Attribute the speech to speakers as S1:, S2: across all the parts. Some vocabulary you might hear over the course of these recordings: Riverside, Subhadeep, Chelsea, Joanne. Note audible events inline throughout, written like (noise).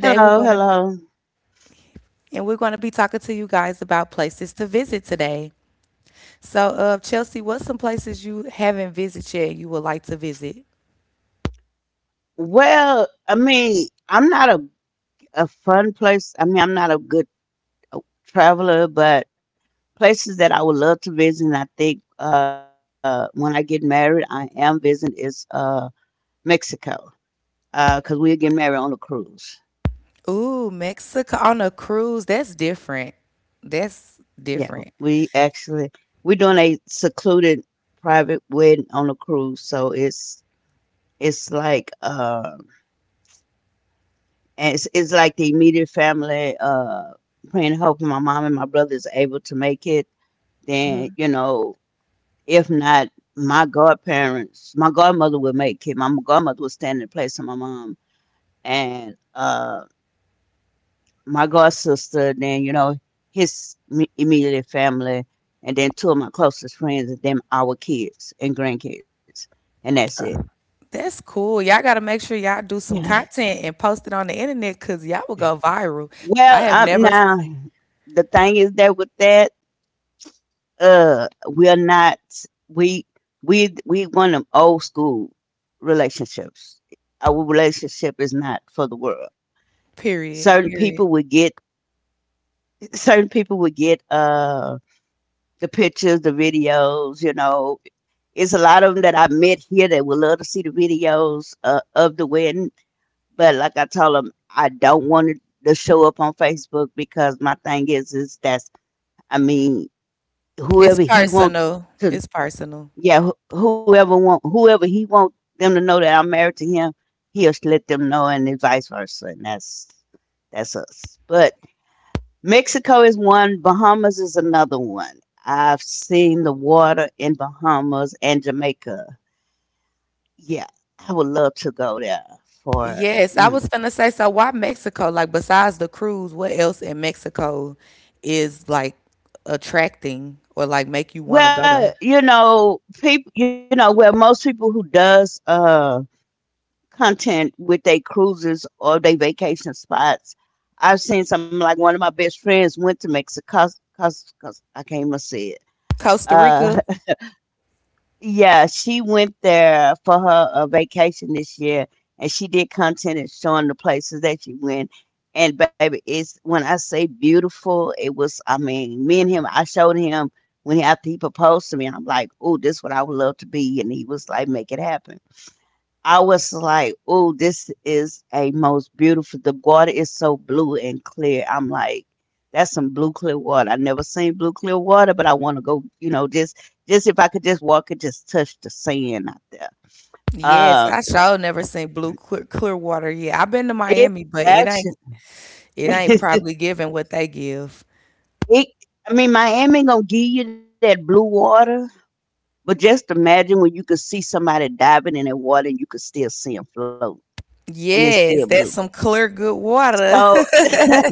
S1: Hello, hello. Well, I mean, I'm not a fun place. I mean, I'm not a good uh, traveler, but places that I would love to visit, and I think when I get married, I am visiting is Mexico, because we're getting married on a cruise. Yeah, we actually we're doing a secluded private wedding on a cruise, so it's like uh, it's like the immediate family, praying and hoping my mom and my brother is able to make it. Then you know If not, my godparents, my godmother would make it. My godmother would stand in place of my mom, and my god sister. Then you know His immediate family, and then two of my closest friends, and then our kids and grandkids, and that's it. Yeah. Well, now the thing is that with that, we're not, we we want them old school relationships. Our relationship is not for the world. Certain people would get, (laughs) certain people would get the pictures, the videos, it's a lot of them that I met here that would love to see the videos of the wedding. But like I told them, I don't want it to show up on Facebook, because my thing is that's, I mean, whoever he wants to. Yeah, whoever want, whoever he want them to know that I'm married to him, he'll let them know, and then vice versa, and that's us. But Mexico is one, Bahamas is another one. I've seen the water in Bahamas and Jamaica. Yeah, I would love to go there for. Mm. Well, people, well, most people who does content with their cruises or their vacation spots. I've seen something like one of my best friends went to Mexico. Cause I can't even see it. Uh, (laughs) yeah, she went there for her vacation this year, and she did content and showing the places that she went. And baby, it's when I say beautiful, it was. I mean, me and him, I showed him when he after he proposed to me. I'm like, oh, this is what I would love to be, and he was like, make it happen. I was like, "Oh, this is a most beautiful. The water is so blue and clear." I'm like, "That's some blue clear water. I never seen blue clear water, but I want to go. You know, just if I could just walk and just touch the sand out there. Uh, it actually, (laughs) it. I mean, Miami gonna give you that blue water, but just imagine when you could see somebody diving in that water and you could still see them float, and it's still blue. So (laughs)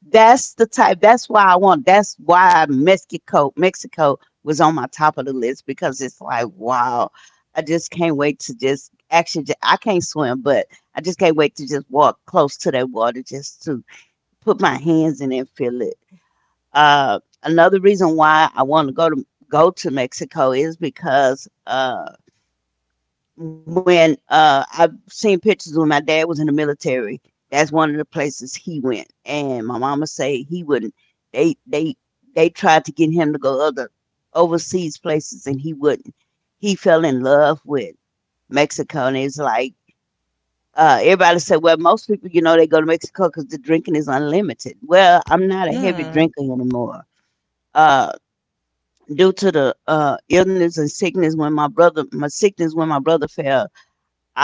S1: that's the type. That's why I want. That's why Mexico, Mexico was on my top of the list because it's like, wow, I just can't wait to just actually. I can't swim, but I just can't wait to just walk close to that water just to put my hands in and feel it. Another reason why I want to go to Mexico is because. When I've seen pictures when my dad was in the military. That's one of the places he went, and my mama say he wouldn't. They they tried to get him to go other overseas places, and he wouldn't. He fell in love with Mexico, and it's like everybody said, well, most people, you know, they go to Mexico because the drinking is unlimited. Well, I'm not a heavy drinker anymore. Uh, due to the illness and sickness when my brother, my sickness when my brother fell,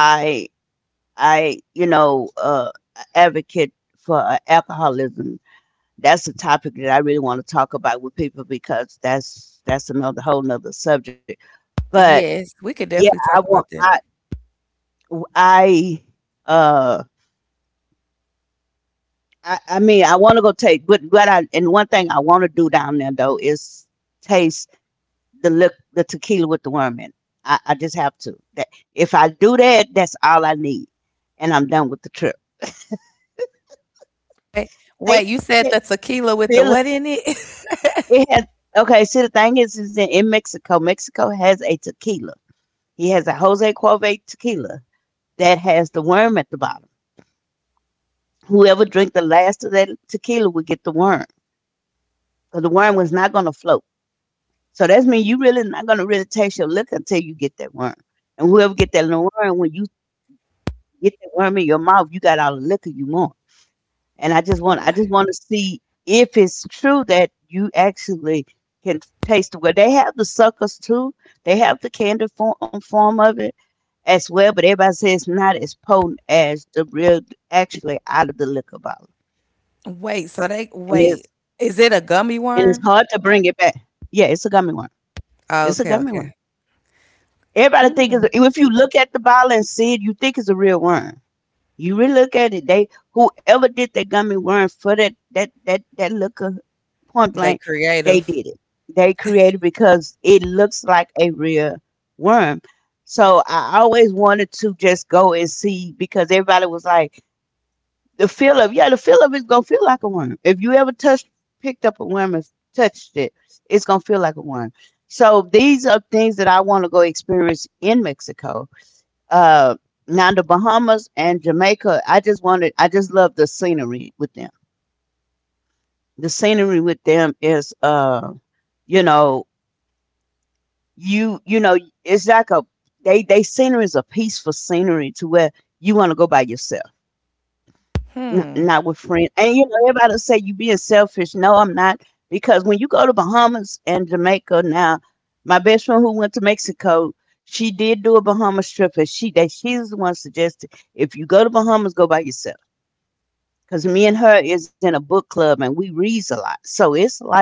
S1: I I, you know, advocate for alcoholism. That's a topic that I really want to talk about with people because that's another whole nother subject. But yeah, I want I I uh I mean I want to go take but I and one thing I want to do down there though is taste the tequila with the worm in. It. I just have to. That if I do that, that's all I need, and I'm done with the trip. Take, take, feel. It has okay. See, the thing is in Mexico. Mexico has a tequila. He has a Jose Cuervo tequila that has the worm at the bottom. Whoever drink the last of that tequila will get the worm, because the worm was not going to float. So that means you really not going to really taste your liquor until you get that worm. And whoever get that little worm, when you get that worm in your mouth, you got all the liquor you want. And I just want to see if it's true that you actually can taste the, well, they have the suckers too. They have the candy form, form of it as well, but everybody says it's not as potent as the real, actually out of the liquor bottle. And it's hard to bring it back. Yeah, it's a gummy worm. It's a gummy worm. Everybody think it's, if you look at the bottle and see it, you think it's a real worm. You really look at it, they whoever did that gummy worm for that liquor, point blank, they did it. They created because it looks like a real worm. So I always wanted to just go and see because everybody was like, the feel of, yeah, the feel of it's gonna feel like a worm. If you ever touched, picked up a worm and touched it, it's gonna feel like a worm. So these are things that I want to go experience in Mexico. uh, now the Bahamas and Jamaica. I just love the scenery with them. The scenery with them is, you know, you know, it's like a, they scenery is a peaceful scenery to where you want to go by yourself, not with friends. And you know, everybody say you being selfish. No, I'm not, because when you go to Bahamas and Jamaica now, my best friend who went to Mexico. She did do a Bahamas trip, and she's the one suggested if you go to Bahamas, go by yourself, because me and her is in a book club and we reads a lot. So it's like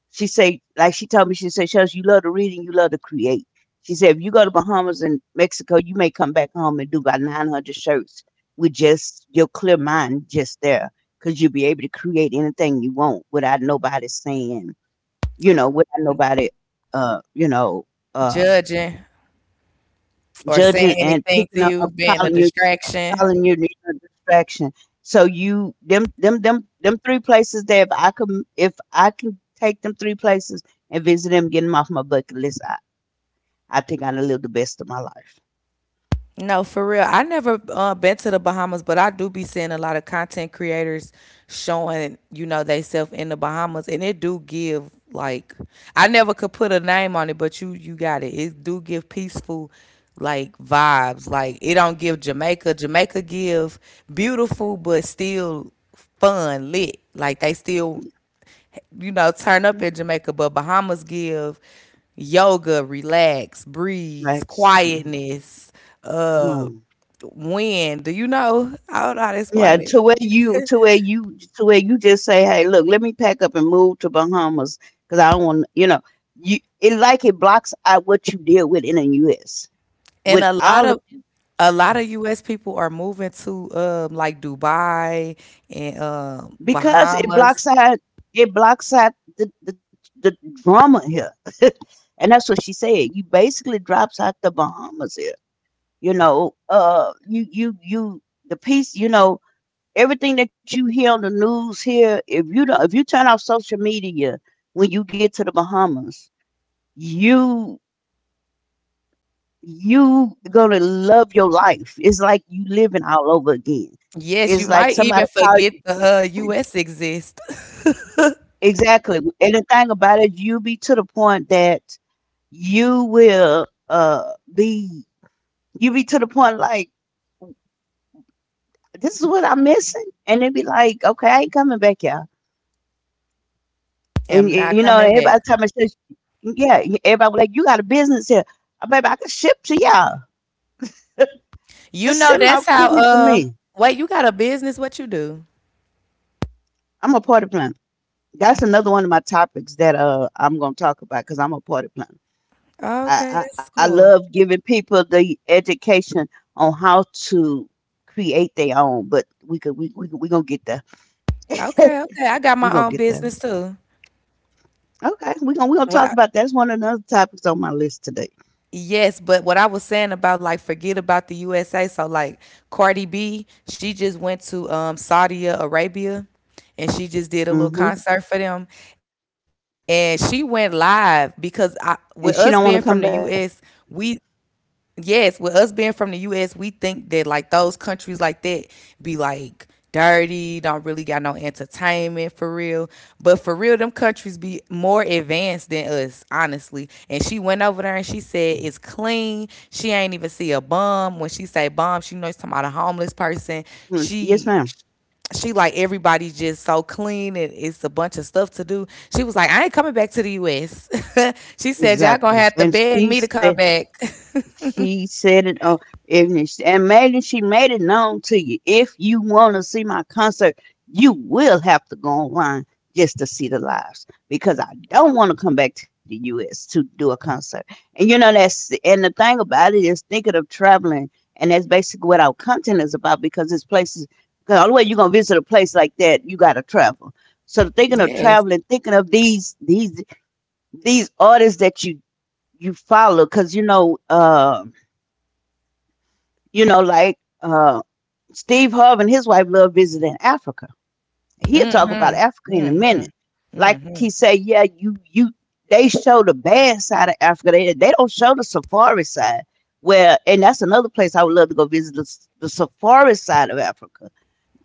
S1: she told me, she said, Shells, you love to read and you love to create. She said, if you go to Bahamas and Mexico, you may come back home and do about 900 shirts with just your clear mind just there, because you'll be able to create anything you want without nobody saying, you know, without nobody, uh, judging and picking up, calling you, need no distraction. So you them three places there. If I can take them three places and visit them, get them off my bucket list. I think I done lived the best of my life. Yeah, Rex, mm, come on. Yeah, to where you just say, hey, look, let me pack up and move to Bahamas, because I don't want, you know, you it like it blocks out what you deal with in the U.S. with all, because it blocks out the drama here. (laughs) And that's what she said, you basically drops out the Bahamas here, you know. You the piece, you know, everything that you hear on the news here, if you don't, if you turn off social media when you get to the Bahamas, you you gonna love your life. It's like you living all over again. It's like somebody call you exactly. And the thing about it, you be to the point that you will uh be you be to the point like this is what I'm missing, and they be like, okay, I ain't coming back here. And you know, everybody time I said, yeah, everybody was like, you got a business here. Baby. I can ship to y'all. Just send my equipment to me. I'm a party planner. That's another one of my topics that I'm gonna talk about because I'm a party planner. I, I love giving people the education on how to create their own, but we gonna get there. (laughs) We gonna get that. Okay, we gonna talk about that. That's one of the other topics on my list today. Hmm. And she don't want to come back. Mm. Yes, ma'am. Exactly. And she said. She said it on if she- and made it, she made it known to you. If you want to see my concert, you will have to go online just to see the lives because I don't want to come back to the US to do a concert. And you know that's and the thing about it is thinking of traveling, and that's basically what our content is about because it's places, because all the way you're gonna visit a place like that, you gotta travel. So thinking of traveling, thinking of these these artists that you follow, because you know, like uh, Steve Harvey and his wife love visiting Africa. He'll talk about Africa in a minute. Like he say, yeah, you they show the bad side of Africa. They don't show the safari side. Where, and that's another place I would love to go visit, the safari side of Africa.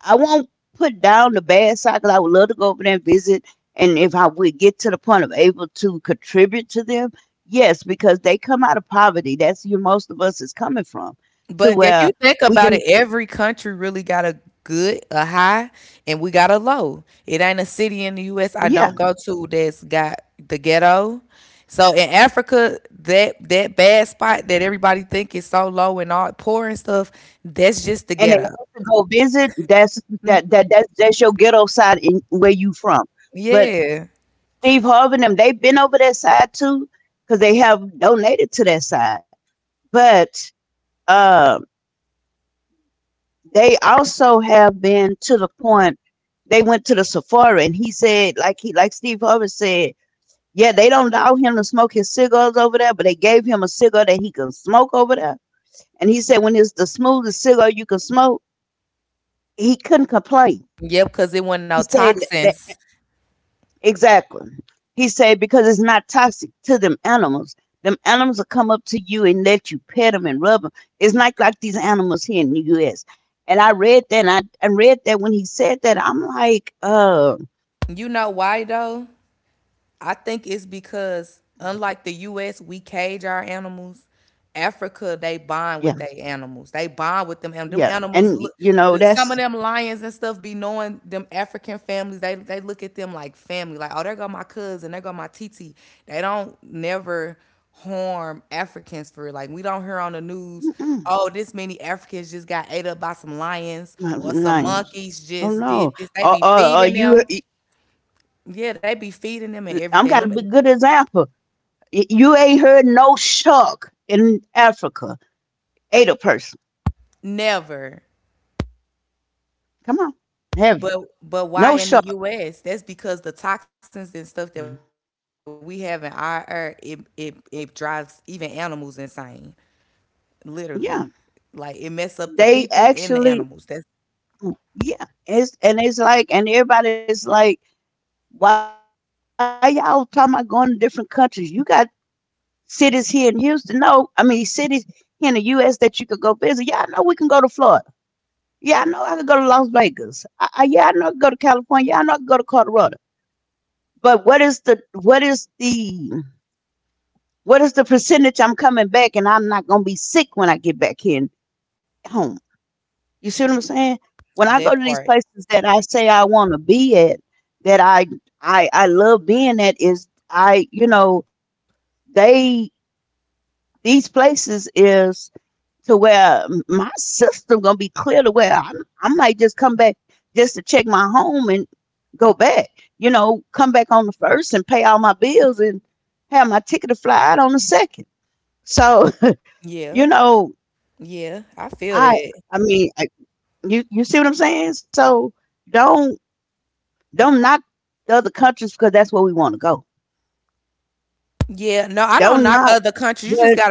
S1: I won't put down the bad side because I would love to go over there and visit. And if I would get to the point of able to contribute to them, yes, because they come out of poverty. That's where most of us is coming from, to where we can, yeah. And they have to go visit. That's that's your ghetto side in where you from. But Steve Harvey and them, they've been over that side too, because they have donated to that side. But uh, They also have been to the point they went to the Sephora, and he said, like he like Steve Harvey said, yeah, they don't allow him to smoke his cigars over there, but they gave him a cigar that he can smoke over there. And he said when it's the smoothest cigar you can smoke, he couldn't complain. He said that. Exactly. He said because it's not toxic to them animals. Them animals will come up to you and let you pet them and rub them. It's not like these animals here in the U.S. And I read that, and I read that when he said that, I'm like, yeah, yeah. And, you know, that's, mm-mm, not nice. Oh no. Or you, I'm got a good example. You ain't heard no shark in Africa ate a person. Come on, have you? No shark. Mm-hmm. Yeah. They actually, yeah, it's and it's like, and everybody's like, why y'all talking about going to different countries? You got cities here in Houston. No, I mean cities here in the U.S. that you could go visit. Yeah, I know we can go to Florida. Yeah, I know I could go to Las Vegas. Yeah, I know I could go to California. Yeah, I know I could go to Colorado. But what is the percentage I'm coming back and I'm not gonna be sick when I get back here home? You see what I'm saying? When I go to these places that I say I want to be at, that I love being at, is I you know they, these places is, to where my system gonna be clear, to where I might just come back just to check my home and go back. You know, come back on the first and pay all my bills and have my ticket to fly out on the second. So (laughs) you know I I mean I, you you see what I'm saying? So don't. Don't knock the other countries because that's where we want to go. Don't knock, but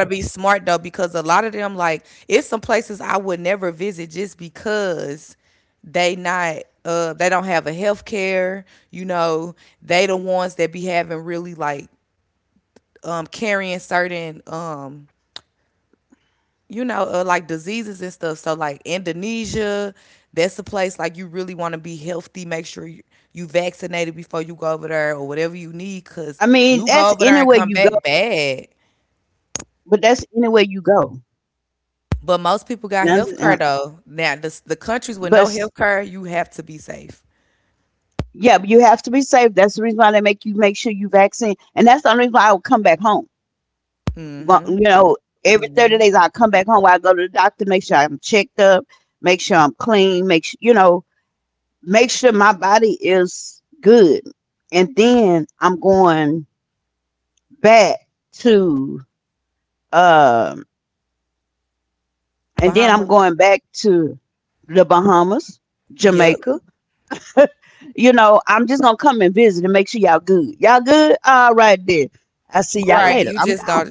S1: I mean that's anywhere you go. But that's anywhere you go. And I'm, uh, but s- yeah, but you have to be safe. That's the reason why they make you make sure you vaccinate. And that's the only reason why I would come back home. Well, you know, every 30 days I come back home. I go to the doctor, make sure I'm checked up, make sure I'm clean, make sure you know, make sure my body is good. And then I'm going back to. um. And then I'm going back to the Bahamas, Jamaica. You know, I'm just gonna come and visit and make sure y'all good. Y'all good? All right then. I see y'all later. I'm gone.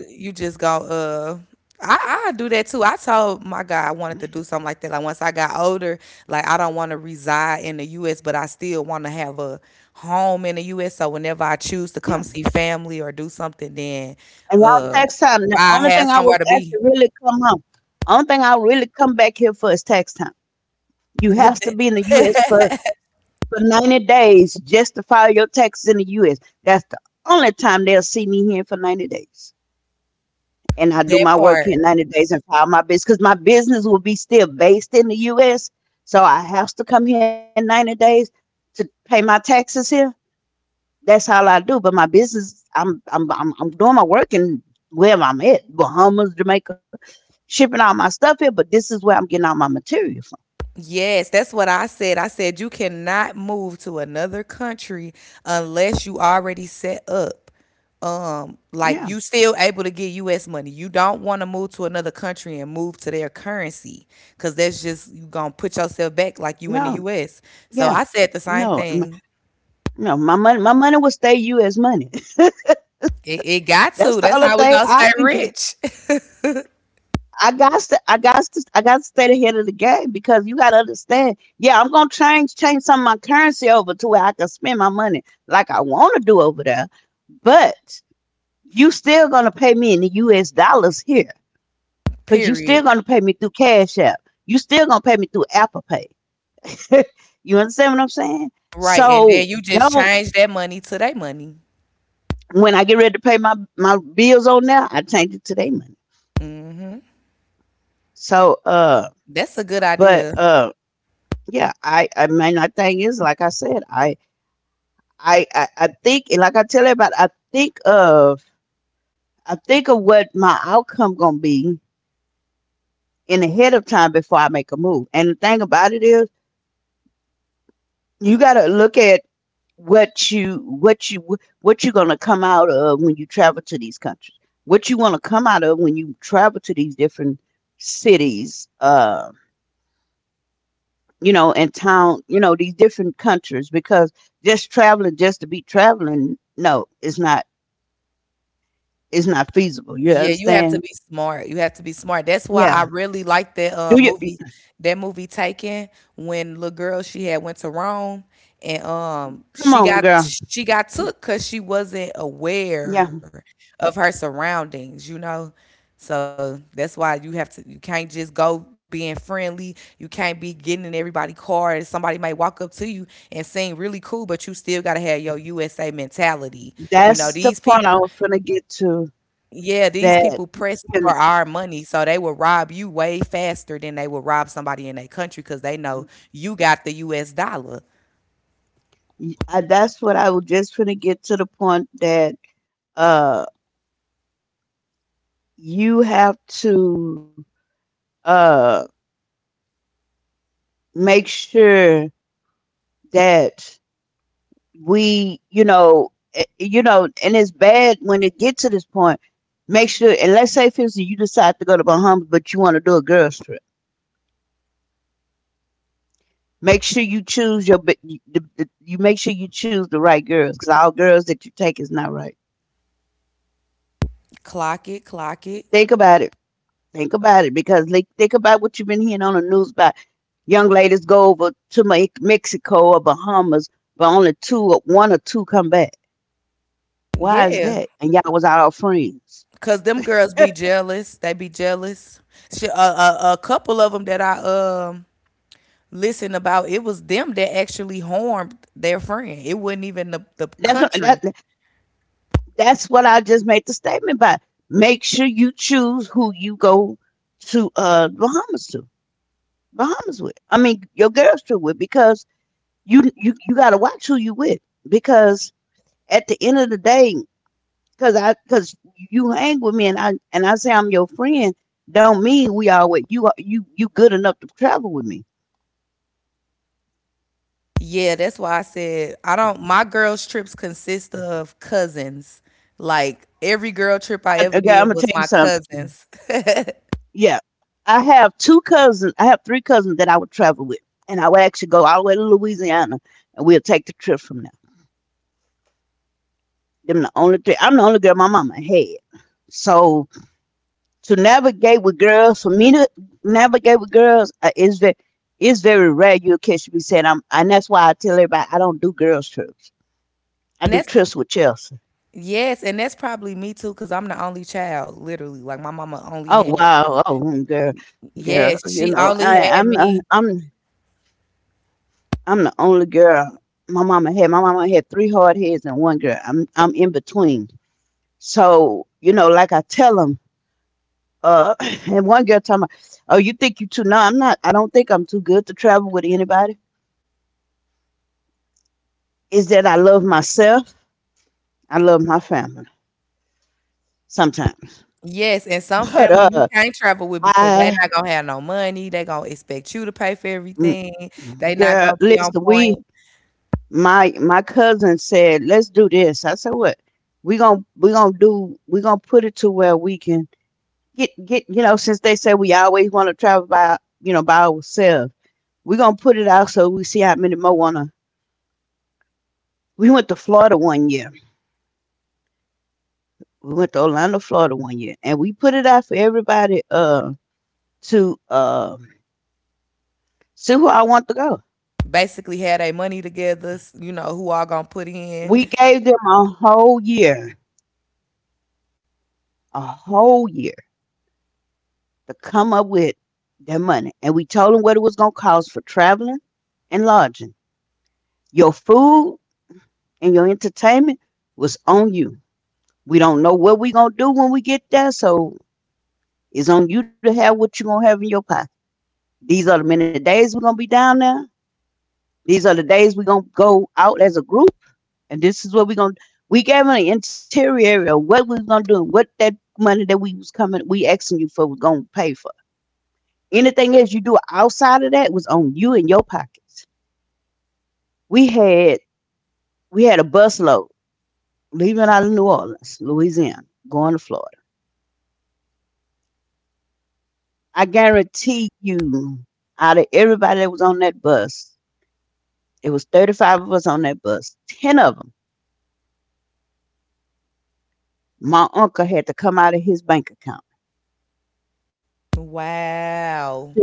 S1: Yeah. And y'all, tax time. The only thing I will actually really come home. Only thing I'll really come back here for is tax time. You have to be in the US for 90 days just to file your taxes in the US. That's the only time they'll see me here for 90 days. And I do my work here 90 days and file my business because my business will be still based in the US. So I have to come here 90 days to pay my taxes here. That's all I do. But my business, I'm doing my work in wherever I'm at, Bahamas, Jamaica, shipping all my stuff here, but this is where I'm getting all my material from. Yeah. No, yeah. No, m- no, my money will stay U.S. money. (laughs) That's the only thing I can get. I got to stay ahead of the game because you got to understand. Yeah, I'm gonna change some of my currency over to where I can spend my money like I want to do over there. But you still gonna pay me in the U.S. dollars here because you still gonna pay me through Cash App. You still gonna pay me through Apple Pay. (laughs) You understand what I'm saying? So don't. When I get ready to pay my bills on there, I change it to their money. So, but. Yeah, I mean my thing is like I said, I think, and like I tell everybody, I think of, I think of what my outcome gonna be in ahead of time before I make a move. And the thing about it is you gotta look at what you what you what you gonna come out of when you travel to these countries. What you wanna come out of when you travel to these different cities. You know, in town, you know, these different countries because just traveling just to be traveling, no, it's not, it's not feasible. You understand? Yeah. Do you, come on, girl? Yeah. That's the point I was finna get to, that and that's what I was just finna get to, the point that uh you have to uh make sure that we you know you know, and it's bad when it gets to this point, make sure, and let's say for instance you decide to go to Bahamas but you want to do a girls trip, make sure you choose your you make sure you choose the right girls because all girls that you take is not right. Think about it. Think about it because like think about what you've been hearing on the news about young ladies go over to Mexico or Bahamas, but only two or one or two come back. Why is that? And y'all was all friends. (laughs) That's what that, that's what I just made the statement by. Make sure you choose who you go to Bahamas to. Bahamas with. I mean your girls trip with because you gotta watch who you with because at the end of the day, cause you hang with me and I say I'm your friend, don't mean we always, you are you you good enough to travel with me. I, okay, I'm gonna tell you something. Yeah, I have two cousins. I have three cousins that I would travel with, and I would actually go all the way to Louisiana, and we'll take the trip from there. Them the only three. I'm the only girl my mama had. So to navigate with girls, for me to navigate with girls is very, it's very rare. You'll catch me saying I'm, and that's why I tell everybody I don't do girls trips. I do trips with Chelsea. Oh wow, oh mm, girl, girl, you know I, I'm, not- I'm the only girl my mama had. My mama had three hard heads and one girl. I'm in between. So you know, like I tell them, uh, (laughs) (clears throat) and one girl tell me, "Oh, you think you too?" No, I'm not. I don't think I'm too good to travel with anybody. Is that I love myself. I love my family sometimes. (laughs) But I mm, girl, listen, we my my cousin said, "Let's do this." I said, "What?" We gonna put it to where we can get since they say we always want to travel by you know by ourselves. We're gonna put it out so we see how many more wanna we went to Florida one year. We went to Orlando, Florida, one year, and we put it out for everybody to see who I want to go. We gave them a whole year, a whole year, to come up with their money, and we told them what it was gonna cost for traveling and lodging. Your food and your entertainment was on you. We don't know what we're gonna do when we get there, so it's on you to have what you're gonna have in your pocket. These are the many days we're gonna be down there. These are the days we're gonna go out as a group, and this is what we're gonna. We gave an interior area of what we was gonna do, and what that money that we was coming, we asking you for, was gonna pay for. Anything else you do outside of that was on you and your pockets. We had we had a busload leaving out of New Orleans, Louisiana, going to Florida. I guarantee you, out of everybody that was on that bus, it was 35 of us on that bus. 10 of them, my uncle had to come out of his bank account. Sure.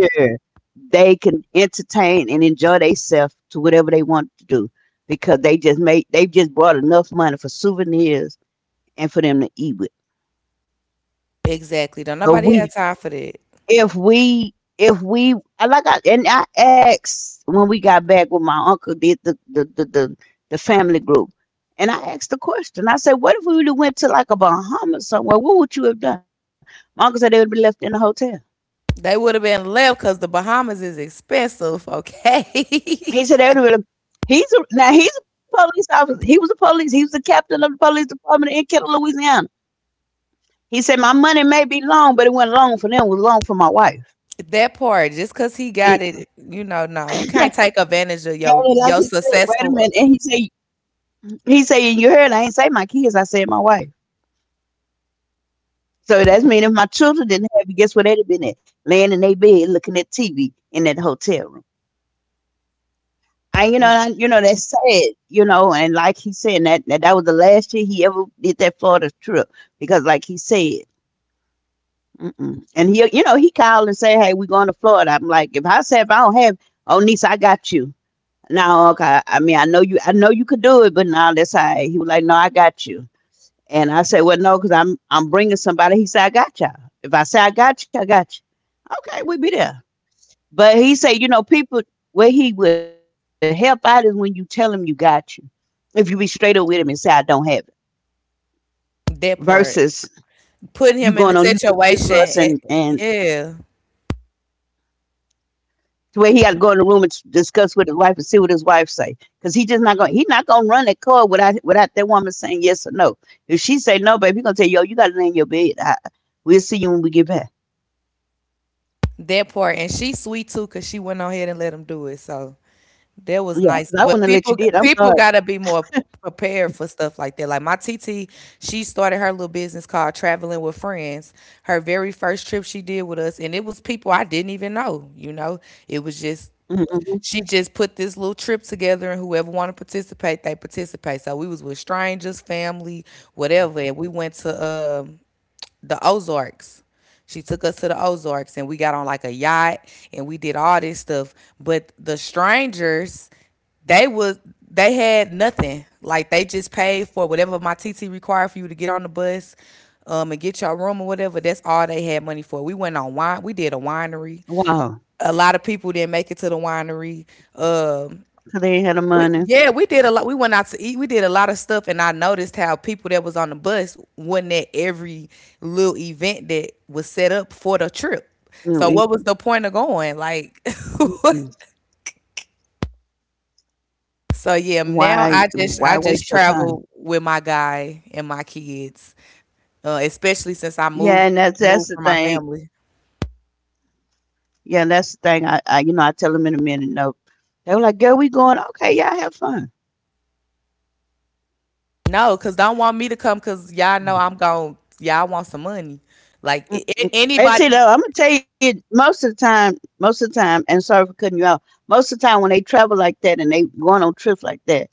S1: They can entertain and enjoy themselves to whatever they want to do, because they just made, they just brought enough money for souvenirs and for them to eat with. So we if we I like I and I asked when we got back, when my uncle did the family group, and I asked the question. I said, "What if we would have went to like a Bahamas somewhere? What would you have done?" My uncle said they would be left in the hotel. He said they would have. Now he's a police officer. He was a police. He was the captain of the police department in Kettle, Louisiana. He said my money may be long, but it wasn't long for them. It was long for my wife. (laughs) And like he said, wait a minute. And he said, he saying, "You heard, I ain't say my kids, I said my wife." So that's mean if my children didn't have it, guess where they'd have been at? Laying in their bed looking at TV in that hotel room. And that's sad, and like he said, that was the last year he ever did that Florida trip, because like he said, mm-mm. And he called and say, "Hey, we going to Florida." I'm like, if I don't have. "Oh, niece, I got you." No, okay. I mean, I know you could do it, but now that's all right. He was like, "No, I got you." And I said, well, no, because I'm bringing somebody. He said, "I got y'all. If I say I got you, I got you." Okay, we be there. But he said, people, where he would help out is when you tell him you got you. If you be straight up with him and say, "I don't have it," versus you get on this bus and to where he got to go in the room and discuss with his wife and see what his wife say. Because he just not going, he not going to run that car without that woman saying yes or no. If she say no, baby, he going to tell you, "Yo, you got to lay in your bed. We'll see you when we get back." Yeah, 'cause I wouldn't have let you did. I'm sorry. Mm, mhm. Wow, so they ain't had the money. Mm, mm, mm-mm. Why waste your time? Yeah, and that's the thing. Yeah, that's the thing. I tell them in a minute, no. They were like, "Girl, we going." "Okay, yeah, have fun." Mm, mm. And see, though, I'm gonna tell you, most of the time, most of the time, and sorry for cutting you out. Most of the time, when they travel like that and they going on trips like that,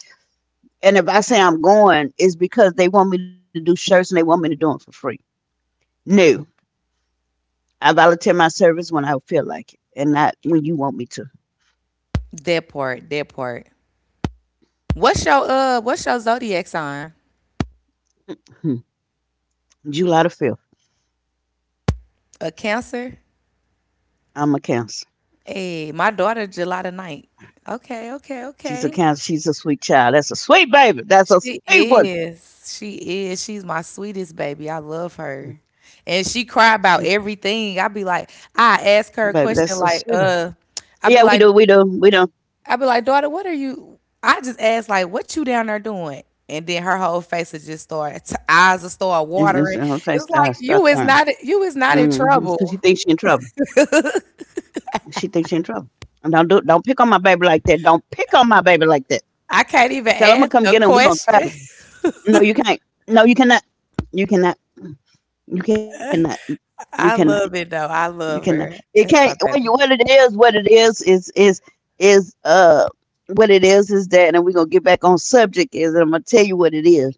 S1: and if I say I'm going, it's because they want me to do shirts and they want me to do them for free. No, I volunteer my service when I feel like it and not when you want me to. Hmm. July the 5th. I'm a cancer. She's a cancer. She's a sweet child. That's a sweet baby. That's a sweet one. Hmm. She, baby, that's a sweet baby. Yeah, we do. We do. We do. I'll say stop, stop crying. Mm-hmm. 'Cause she thinks she in trouble. She thinks she in trouble. And don't pick on my baby like that. Don't pick on my baby like that. Tell him to come get him. We gonna travel. No, you can't. No, you cannot. You cannot. You cannot. You cannot. You can it can't what it is, is uh what it is that, and we're gonna get back on subject, is, and I'm gonna tell you what it is.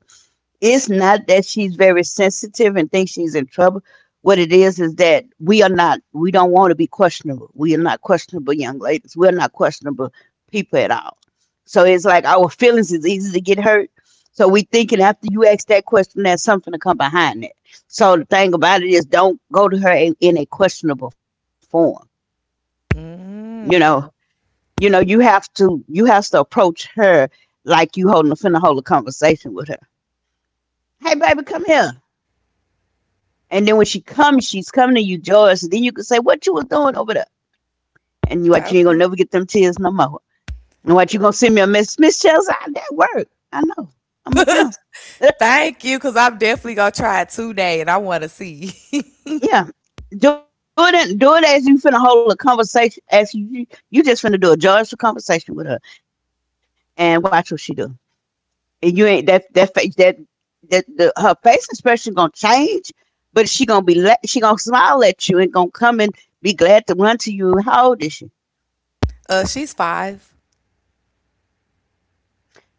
S1: It's not that she's very sensitive and thinks she's in trouble. What it is that we are not, we don't want to be questionable. We are not questionable young ladies. We are not questionable people at all. So it's like our feelings is easy to get hurt. So we thinking, after you ask that question, there's something to come behind it. So the thing about it is, don't go to her in, a questionable form. You know, you have to, approach her like you holding a finna hold a conversation with her. Hey, baby, come here. And then when she comes, she's coming to you joyous. And then you can say, "What you was doing over there?" And you what you ain't gonna never get them tears no more. And what, you gonna send me a message, Miss Chelsea? I That work. I know. I'm a counselor. (laughs) Yeah. Do it as you finna hold a conversation, as you just finna do a joyous conversation with her, and watch what she do. And you ain't that that face her face expression gonna change, but she gonna smile at you and gonna come and be glad to run to you. How old is she?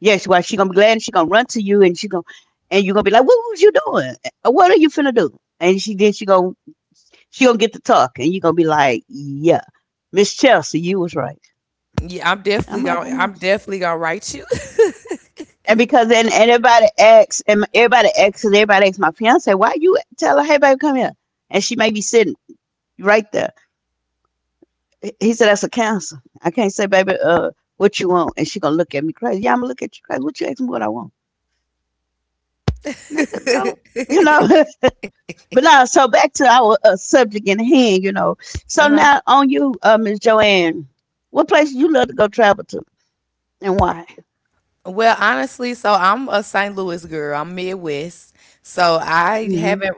S1: Yes, well, she gonna be glad and she gonna run to you, and you gonna be like, "What was you doing? What are you finna do?" And she then she gonna get to talk, and you gonna be like, "Yeah, Miss Chelsea, you was right." I'm like, "I know." And because then and everybody asks and everybody asks and everybody asks my fiance, "Why you tell her, 'Hey baby, come here,' and she may be sitting right there?" He said, "That's a cancer. I can't say, 'Baby, what you want?' And she gonna look at me crazy." Yeah, I'm gonna look at you crazy. What you ask me what I want? Nigga, don't you know? But now, so back to our subject in hand. So now on you, Miss Joanne, what place you love to go travel to, and why?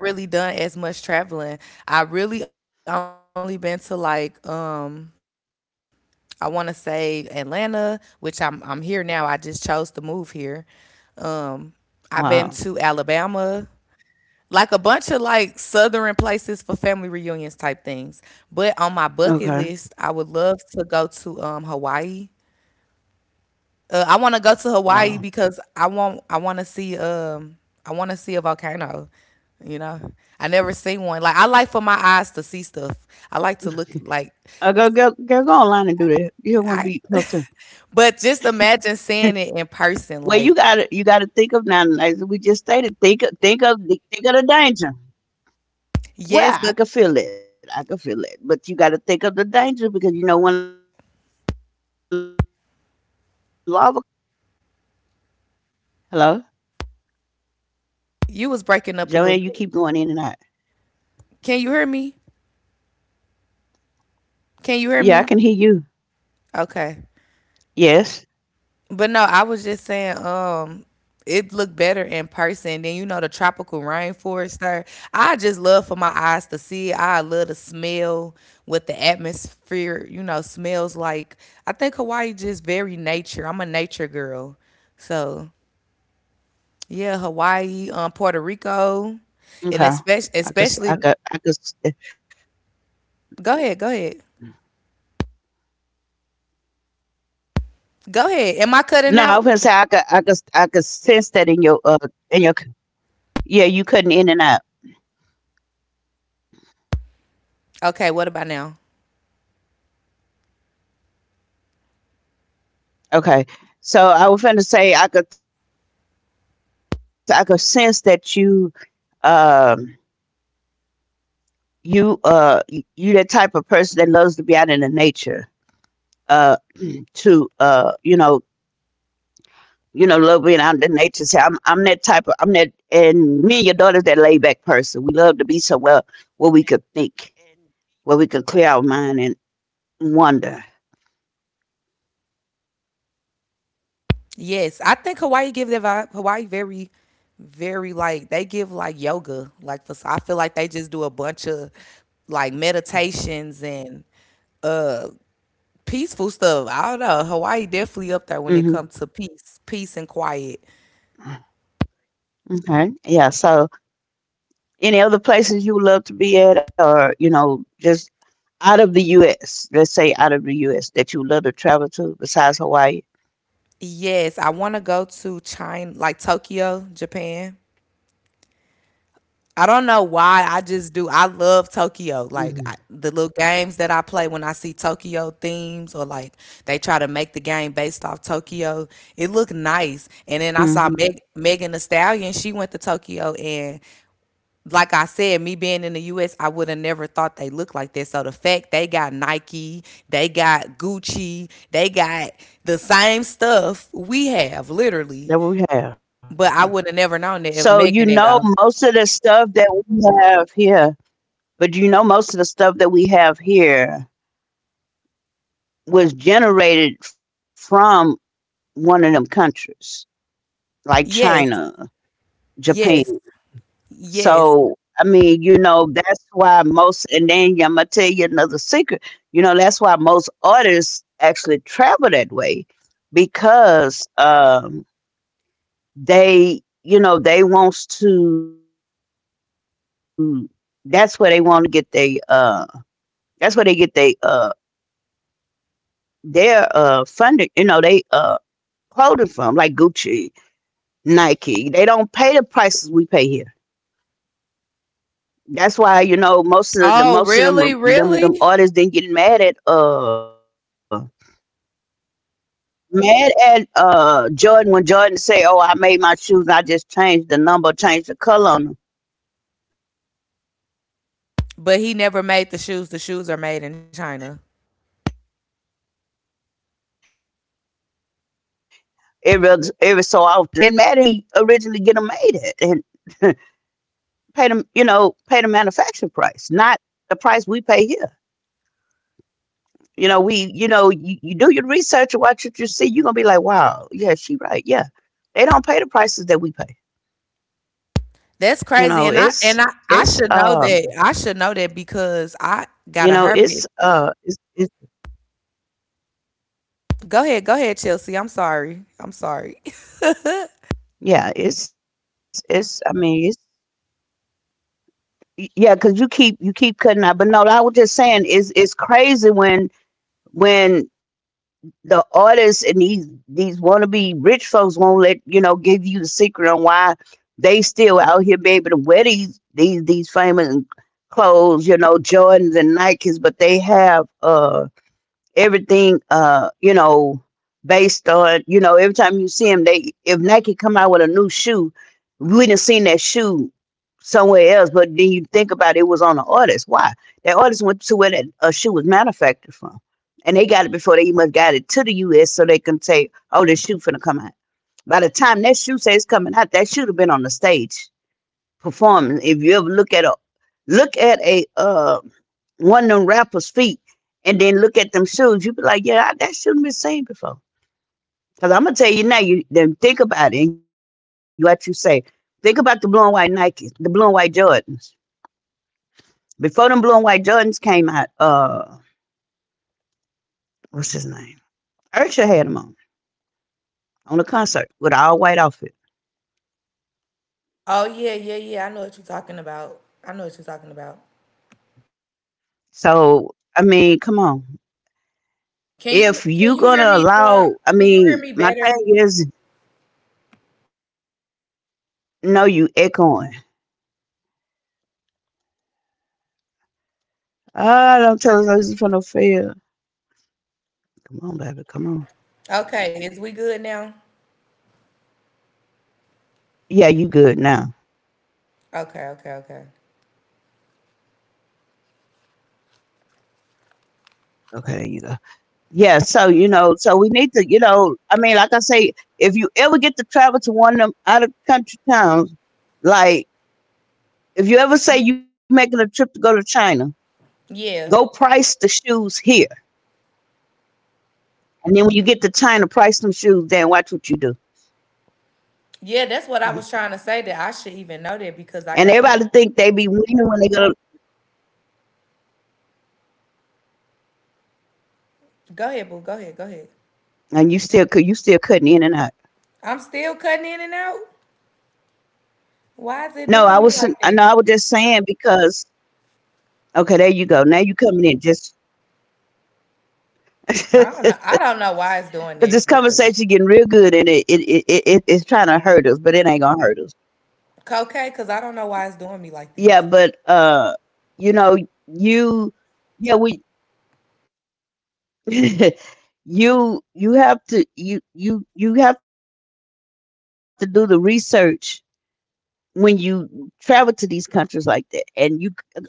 S1: Hmm. Wow. Okay. Wow. Go, go, girl, go online and do that. You don't want to be close to. Well, you got to think of now. As we just stated, think of the danger. Well, I could feel it. I could feel it. But you got to think of the danger, because you know when lava come out, it's hot. Hello, Joanne. You keep going in and out. Yeah, I can hear you. Yes. Okay. I could s No, I was gonna say I could sense that in your c yeah, you cutting in and out. Okay. So I was finna say I could sense that you, um you, you that type of person that loves to be out in the nature, uh, (clears throat) to, love being out in the nature. See, I'm that, and me and your daughter's that laid back person. We love to be somewhere where we could think, where we could clear our mind and wonder. Hmm. Okay. Yeah. So, any other places you would love to be at, or just out of the U.S. Let's say out of the U.S. that you love to travel to besides Hawaii. Hmm. Hmm. That we have. So you know most of the stuff that we have here, but you know most of the stuff that we have here was generated from one of them countries, like China, Japan. So I mean, you know, that's why most and then I'm gonna tell you another secret. You know, that's why most artists actually travel that way because they wants to that's where they want to get they that's where they get they their funding, you know, they clothing from like Gucci, Nike. They don't pay the prices we pay here. That's why, you know, most of the most of them artists didn't get mad at mad at Jordan when Jordan say, "Oh, I made my shoes. I just changed the number, changed the color on them every so often, and black folks gonna buy them." Where these artists are get mad at him because they not paying the prices that we paying for these Jordans. They go where he originally get them made at and (laughs) pay them, you know, pay the manufacturer price, not the price we pay here. You know we you, you do your research and watch what you see. You're gonna be like, wow, yeah, she right, yeah, they don't pay the prices that we pay. You know it's it's yeah it's I mean it's yeah, because you keep cutting out. But no, I was just saying is it's crazy when the artists and these wannabe rich folks won't let you know give you the secret on why they still out here be able to wear these famous clothes, you know, Jordans and Nikes, but they have everything you know based on you know every time you see him they if Nike come out with a new shoe, we done seen that shoe somewhere else. But then you think about it, it was on an artist. Why that artist went to where that shoe was manufactured from, and they got it before they even got it to the US, so they can say, oh, this shoe finna come out. By the time that shoe says coming out, that should have been on the stage performing. If you ever look at a one of them rappers' feet and then look at them shoes, you be like, yeah, I, that shouldn't been seen before. Because I'm gonna tell you now, you then think about it and let you say, think about the blue and white Nikes, the blue and white Jordans. Before them blue and white Jordans came out, what's his name? Usher had them on a concert with an all white outfit.
S2: Oh, yeah, yeah, yeah. I know what you're talking about. I know what you're talking about.
S1: So I mean, come on.
S2: Can you
S1: If you
S2: can you
S1: gonna
S2: hear me? Uh,
S1: allow, I
S2: can you hear
S1: mean,
S2: me
S1: my
S2: better?
S1: thing is, no, you echoing. Ah, don't tell us this is from no field. Come on, baby, come on.
S2: Okay, is we good now?
S1: Yeah, you good now.
S2: Okay, okay, okay.
S1: Okay, there you go. Yeah, so you know, so we need to, you know, I mean, like I say, if you ever get to travel to one of them out of country towns, like if you ever say you're making a trip to go to China,
S2: Yeah,
S1: go price the shoes here, and then when you get to China, price them shoes there and watch what you do.
S2: yeah. That's what I was trying to say. That I should even know that because I
S1: And
S2: gotta.
S1: everybody think they be winning when they go,
S2: Go ahead, boo. Go ahead. Go ahead.
S1: and you still could, you still cutting in and out.
S2: I'm still cutting in and out. Why is it doing
S1: No,
S2: me
S1: I
S2: like
S1: wasn't. I
S2: this?
S1: know I was just saying because okay, there you go. Now you coming in just.
S2: I
S1: (laughs)
S2: don't know. I don't know why it's
S1: Because this
S2: doing that.
S1: conversation getting real good and it's trying to hurt us, but it ain't gonna hurt us.
S2: But okay, because I don't know why it's doing me like
S1: Yeah,
S2: this.
S1: but you know, you yeah, we (laughs) you have to do the research when you travel to these countries like that. And you uh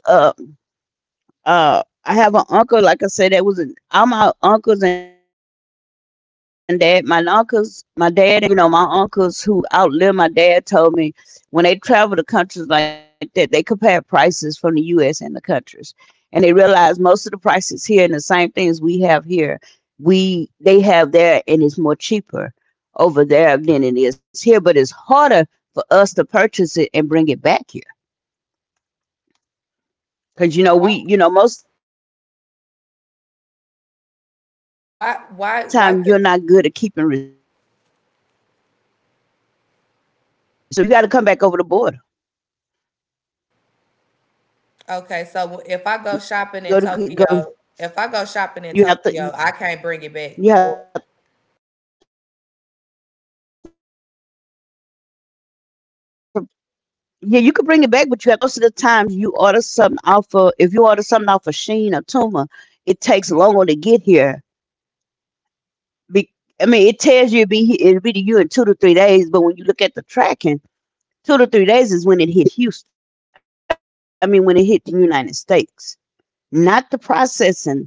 S1: uh I have an uncle, like I said, that was in all my uncles, my dad and his brothers was in the military, and they, you know, my uncles who outlived my dad told me when they travel to countries like that, they compare prices from the US and the countries, and they realize most of the prices here and the same things we have here we they have there, and it's more cheaper over there than it is here, but it's harder for us to purchase it and bring it back here because you know
S2: Why?
S1: we you know most time you're not good.
S2: Why? Why? Why could?
S1: You got to come
S2: Okay,
S1: back over the
S2: so if
S1: border.
S2: I go shopping in Tokyo if I go shopping in Tokyo, I can't bring it back
S1: Go to
S2: or
S1: go you have to you have to yeah you could bring it back, but you have to show customs that you paid for it. Why you think most of the times you order something off of if you order something off of Sheen or Tuma, it takes longer to get here. Be, I mean, it tells you it'll it'll be to you in 2 to 3 days, but when you look at the tracking, 2 to 3 days is when it hit Houston. I mean, when it hit the United States, not the processing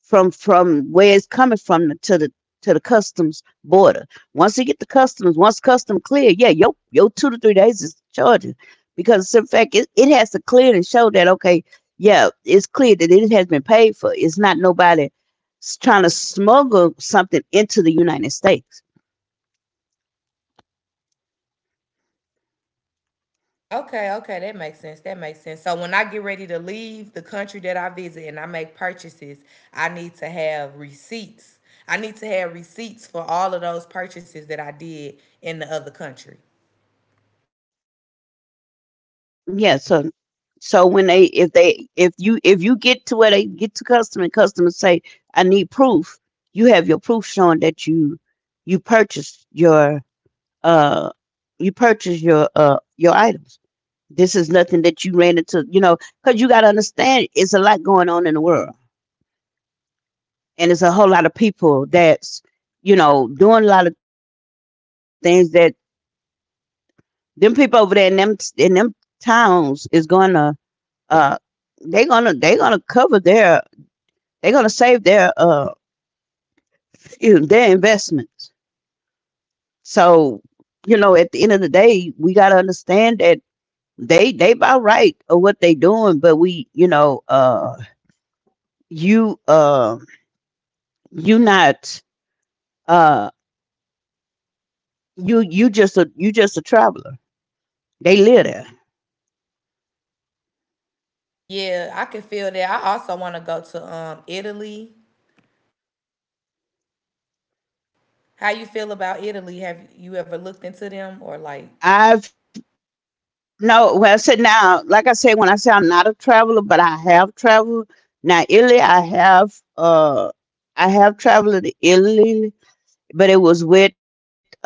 S1: from where it's coming from to the customs border. Once you get the customs, once custom clear, yeah, yo yo 2 to 3 days is charging because in fact it, it has to clear and show that okay, yeah, it's clear that it has been paid for. It's not nobody trying to smuggle something into the United States.
S2: okay, okay, that makes sense, that makes sense. So when I get ready to leave the country that I visit and I make purchases, I need to have receipts. I need to have receipts for all of those purchases that I did in the other country.
S1: Yeah, so so when they if you get to where they get to custom and customers say I need proof, you have your proof showing that you you purchase your uh you purchase your items. This is nothing that you ran into, you know, because you got to understand it's a lot going on in the world, and it's a whole lot of people that's you know doing a lot of things that over there in them towns is gonna uh they gonna cover their they gonna save their you know, their investments. So you know at the end of the day we gotta understand that they about right of what they doing, but we, you know, you uh you not uh you just a traveler. They live there.
S2: Yeah, I can feel that. I also want to go to Italy. How you feel about Italy? Have you ever looked into them or like
S1: I've no well I said now, like I said when I said I'm not a traveler, but I have traveled. Now Italy I have traveled to Italy, but it was with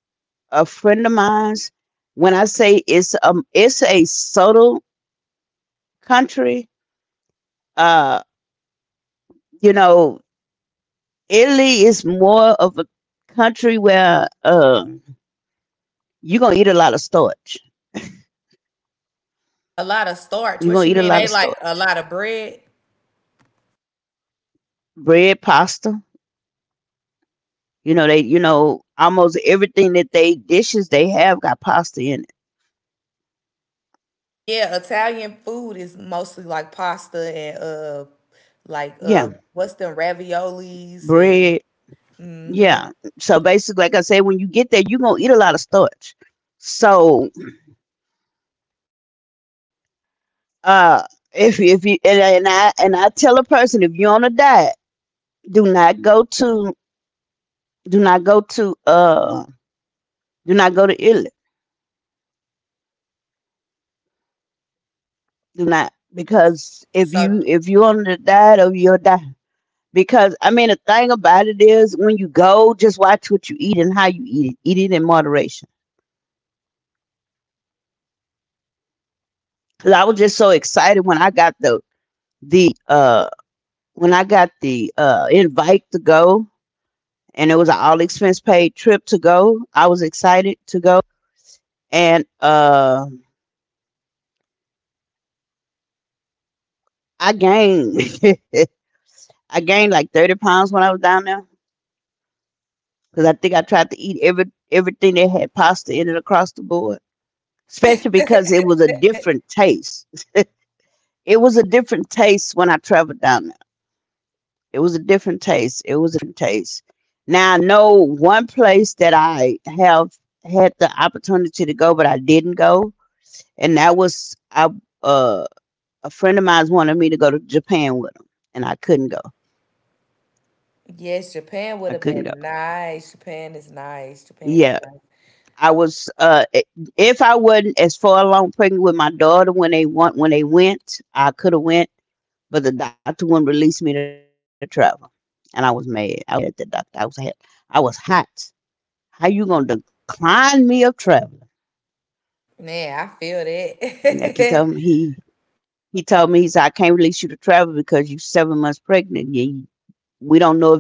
S1: a friend of mine's. When I say it's a subtle country, uh, you know, Italy is more of a country where you're gonna eat a lot of starch.
S2: a lot of starch?
S1: You're
S2: What
S1: gonna
S2: you
S1: eat a
S2: mean?
S1: lot
S2: They
S1: of
S2: like a
S1: starch.
S2: lot of bread?
S1: Bread, pasta. You know, they you know, almost everything that they dishes they have got pasta in it.
S2: Yeah, Italian food is mostly like pasta and like
S1: Yeah.
S2: what's them raviolis and
S1: Bread. Yeah. So basically like I said, when you get there, you're gonna eat a lot of starch. So uh if you and I tell a person if you're on a diet, do not go to do not go to uh do not go to Italy, do not, because
S2: so
S1: if you on the diet or you'll die, because I mean the thing about it is when you go just watch what you eat and how you eat it, eat it in moderation. Because I was just so excited when I got the uh when I got the invite to go, and it was an all expense paid trip to go. I was excited to go. And I gained (laughs) I gained like 30 pounds when I was down there because I think I tried to eat everything that had pasta in it across the board, especially because it was a different taste. It was a different taste when I traveled down there. It was a different taste. It was a different taste. Now I know one place that I have had the opportunity to go, but I didn't go, and that was I. Uh, a friend of mine wanted me to go to Japan with him, and I couldn't go.
S2: yes, Japan would
S1: I
S2: have
S1: couldn't go.
S2: been nice. Japan is nice. Japan is
S1: Yeah,
S2: nice.
S1: I was. If I wasn't as far along pregnant with my daughter when they want when they went, I could have went. But the doctor wouldn't release me to travel. And I was mad. I was mad at the doctor. I was hot. I was hot. How you gonna decline me of traveling?
S2: Man, I feel
S1: And
S2: that. (laughs)
S1: like he told me he told me he said, I can't release you to travel because you 7 months pregnant. You,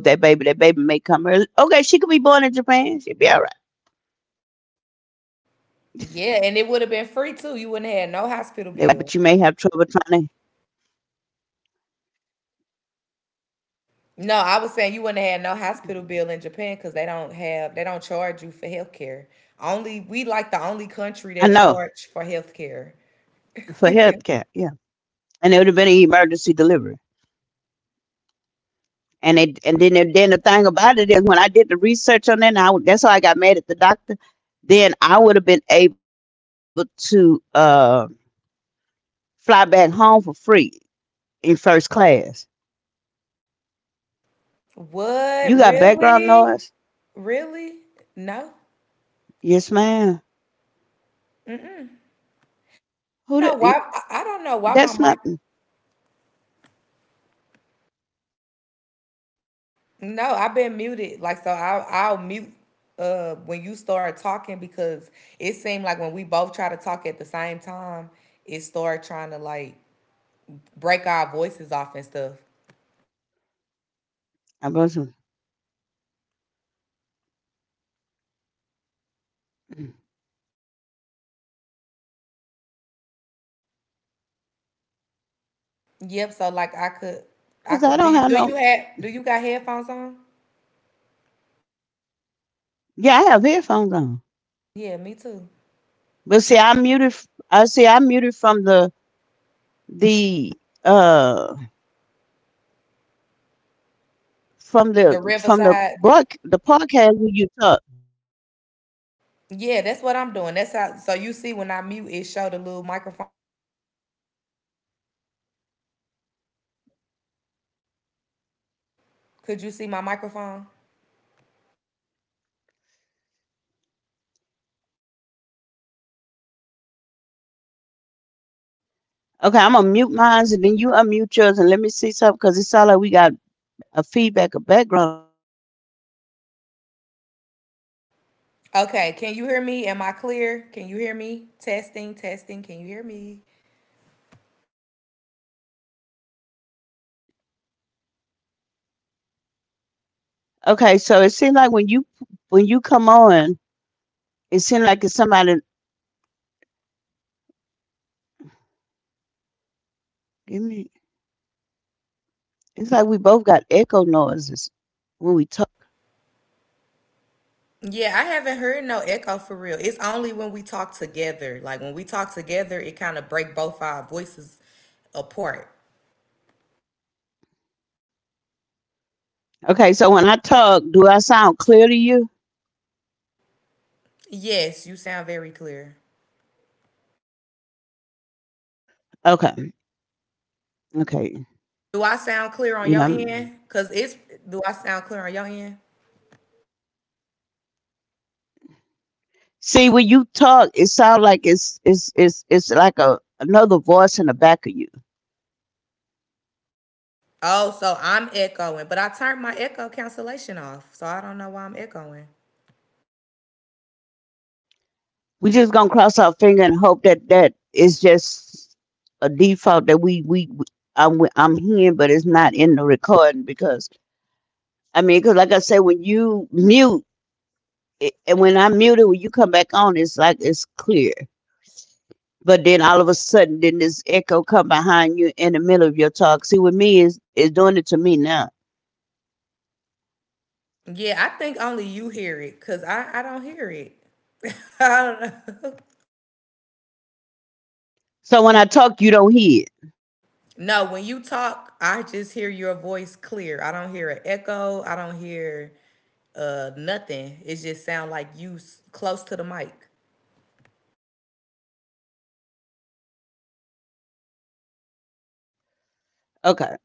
S1: we don't know if that baby may come early. Okay, she could be born in Japan, she'd be all right.
S2: Yeah, and it would have been free too. You wouldn't have had no hospital bill.
S1: But you may have trouble trying to.
S2: No, I was saying you wouldn't have had no hospital bill in Japan because they don't have they don't charge you for health care. Only we like the only country
S1: I
S2: that
S1: know,
S2: charge for health care.
S1: for health care, yeah. And it would have been an emergency delivery. And it and then it- then the thing about it is when I did the research on that, that's why I got mad at the doctor. Then I would have been able to fly back home for free in first class.
S2: What,
S1: You got background
S2: really?
S1: noise?
S2: Really? No.
S1: Yes, ma'am.
S2: Mm-mm. I
S1: Who?
S2: don't know why I I don't know why my mic
S1: That's nothing.
S2: no, I've been muted. Like so I'll mute when you start talking because it seemed like when we both try to talk at the same time, it started trying to like break our voices off and stuff.
S1: I wasn't
S2: Yep, so like I
S1: because I
S2: could do
S1: don't
S2: you
S1: have
S2: do
S1: no.
S2: you have do you got headphones on?
S1: Yeah, I have headphones on.
S2: Yeah, me too.
S1: But see, I muted. I see, I muted from the uh from the
S2: The
S1: from the
S2: Riverside.
S1: broad the podcast where you talk.
S2: Yeah, that's what I'm doing. That's how so you see when I mute it showed a little microphone. Could you see my microphone?
S1: Okay, I'm gonna mute mine and then you unmute yours and let me see something because it sounds like we got a feedback, a background.
S2: Okay, can you hear me? Am I clear? Can you hear me? Testing, testing. Can you hear me?
S1: Okay, so it seems like when you come on, it seems like it's somebody. Give me. It's like we both got echo noises when we talk.
S2: Yeah, I haven't heard no echo for real. It's only when we talk together. Like when we talk together, it kind of break both our voices apart.
S1: Okay, so when I talk, do I sound clear to you?
S2: Yes, you sound very clear.
S1: Okay, okay.
S2: Do I sound clear on
S1: You know,
S2: your
S1: I'm-
S2: end? Cause it's do I sound clear on your end?
S1: See when you talk, it sounds like it's like a another voice in the back of you.
S2: Oh, so I'm echoing, but I turned my echo cancellation off, so I don't know why I'm echoing.
S1: We just gonna cross our finger and hope that that is just a default that we I'm hearing, but it's not in the recording because because like I said, when you mute it- and when I mute it, when you come back on, it's like it's clear. But then all of a sudden, then this echo come behind you in the middle of your talk. See, with me is doing it to me now.
S2: Yeah, I think only you hear it, cause I don't hear it. (laughs) I don't know.
S1: So when I talk, you don't hear it.
S2: No, when you talk, I just hear your voice clear. I don't hear an echo. I don't hear nothing. It just sound like you s- close to the mic.
S1: Okay,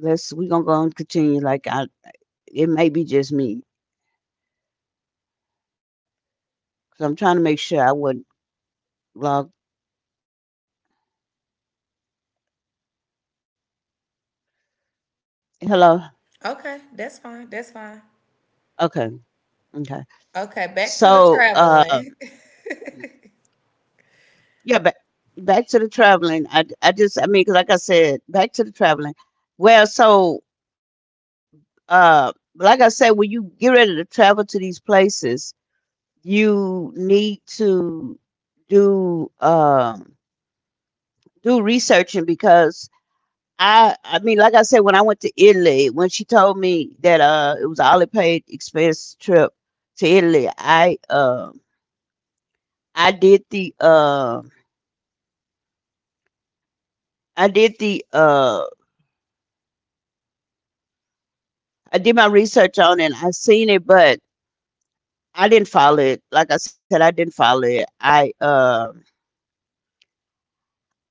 S1: let's we gonna go and continue. It may be just me because I'm trying to make sure I would log. Hello.
S2: Okay, that's fine. That's fine.
S1: Okay. Okay.
S2: Okay, back to the
S1: So,
S2: traveling.
S1: um, yeah, back back to the traveling. I just 'cause like I said, back to the traveling. Well, so like I said, when you get ready to travel to these places, you need to do do researching because I mean, like I said, when I went to Italy, when she told me that it was an all paid expense trip to Italy, I did the I did the I did my research on it. I seen it, but I didn't follow it. Like I said, I didn't follow it.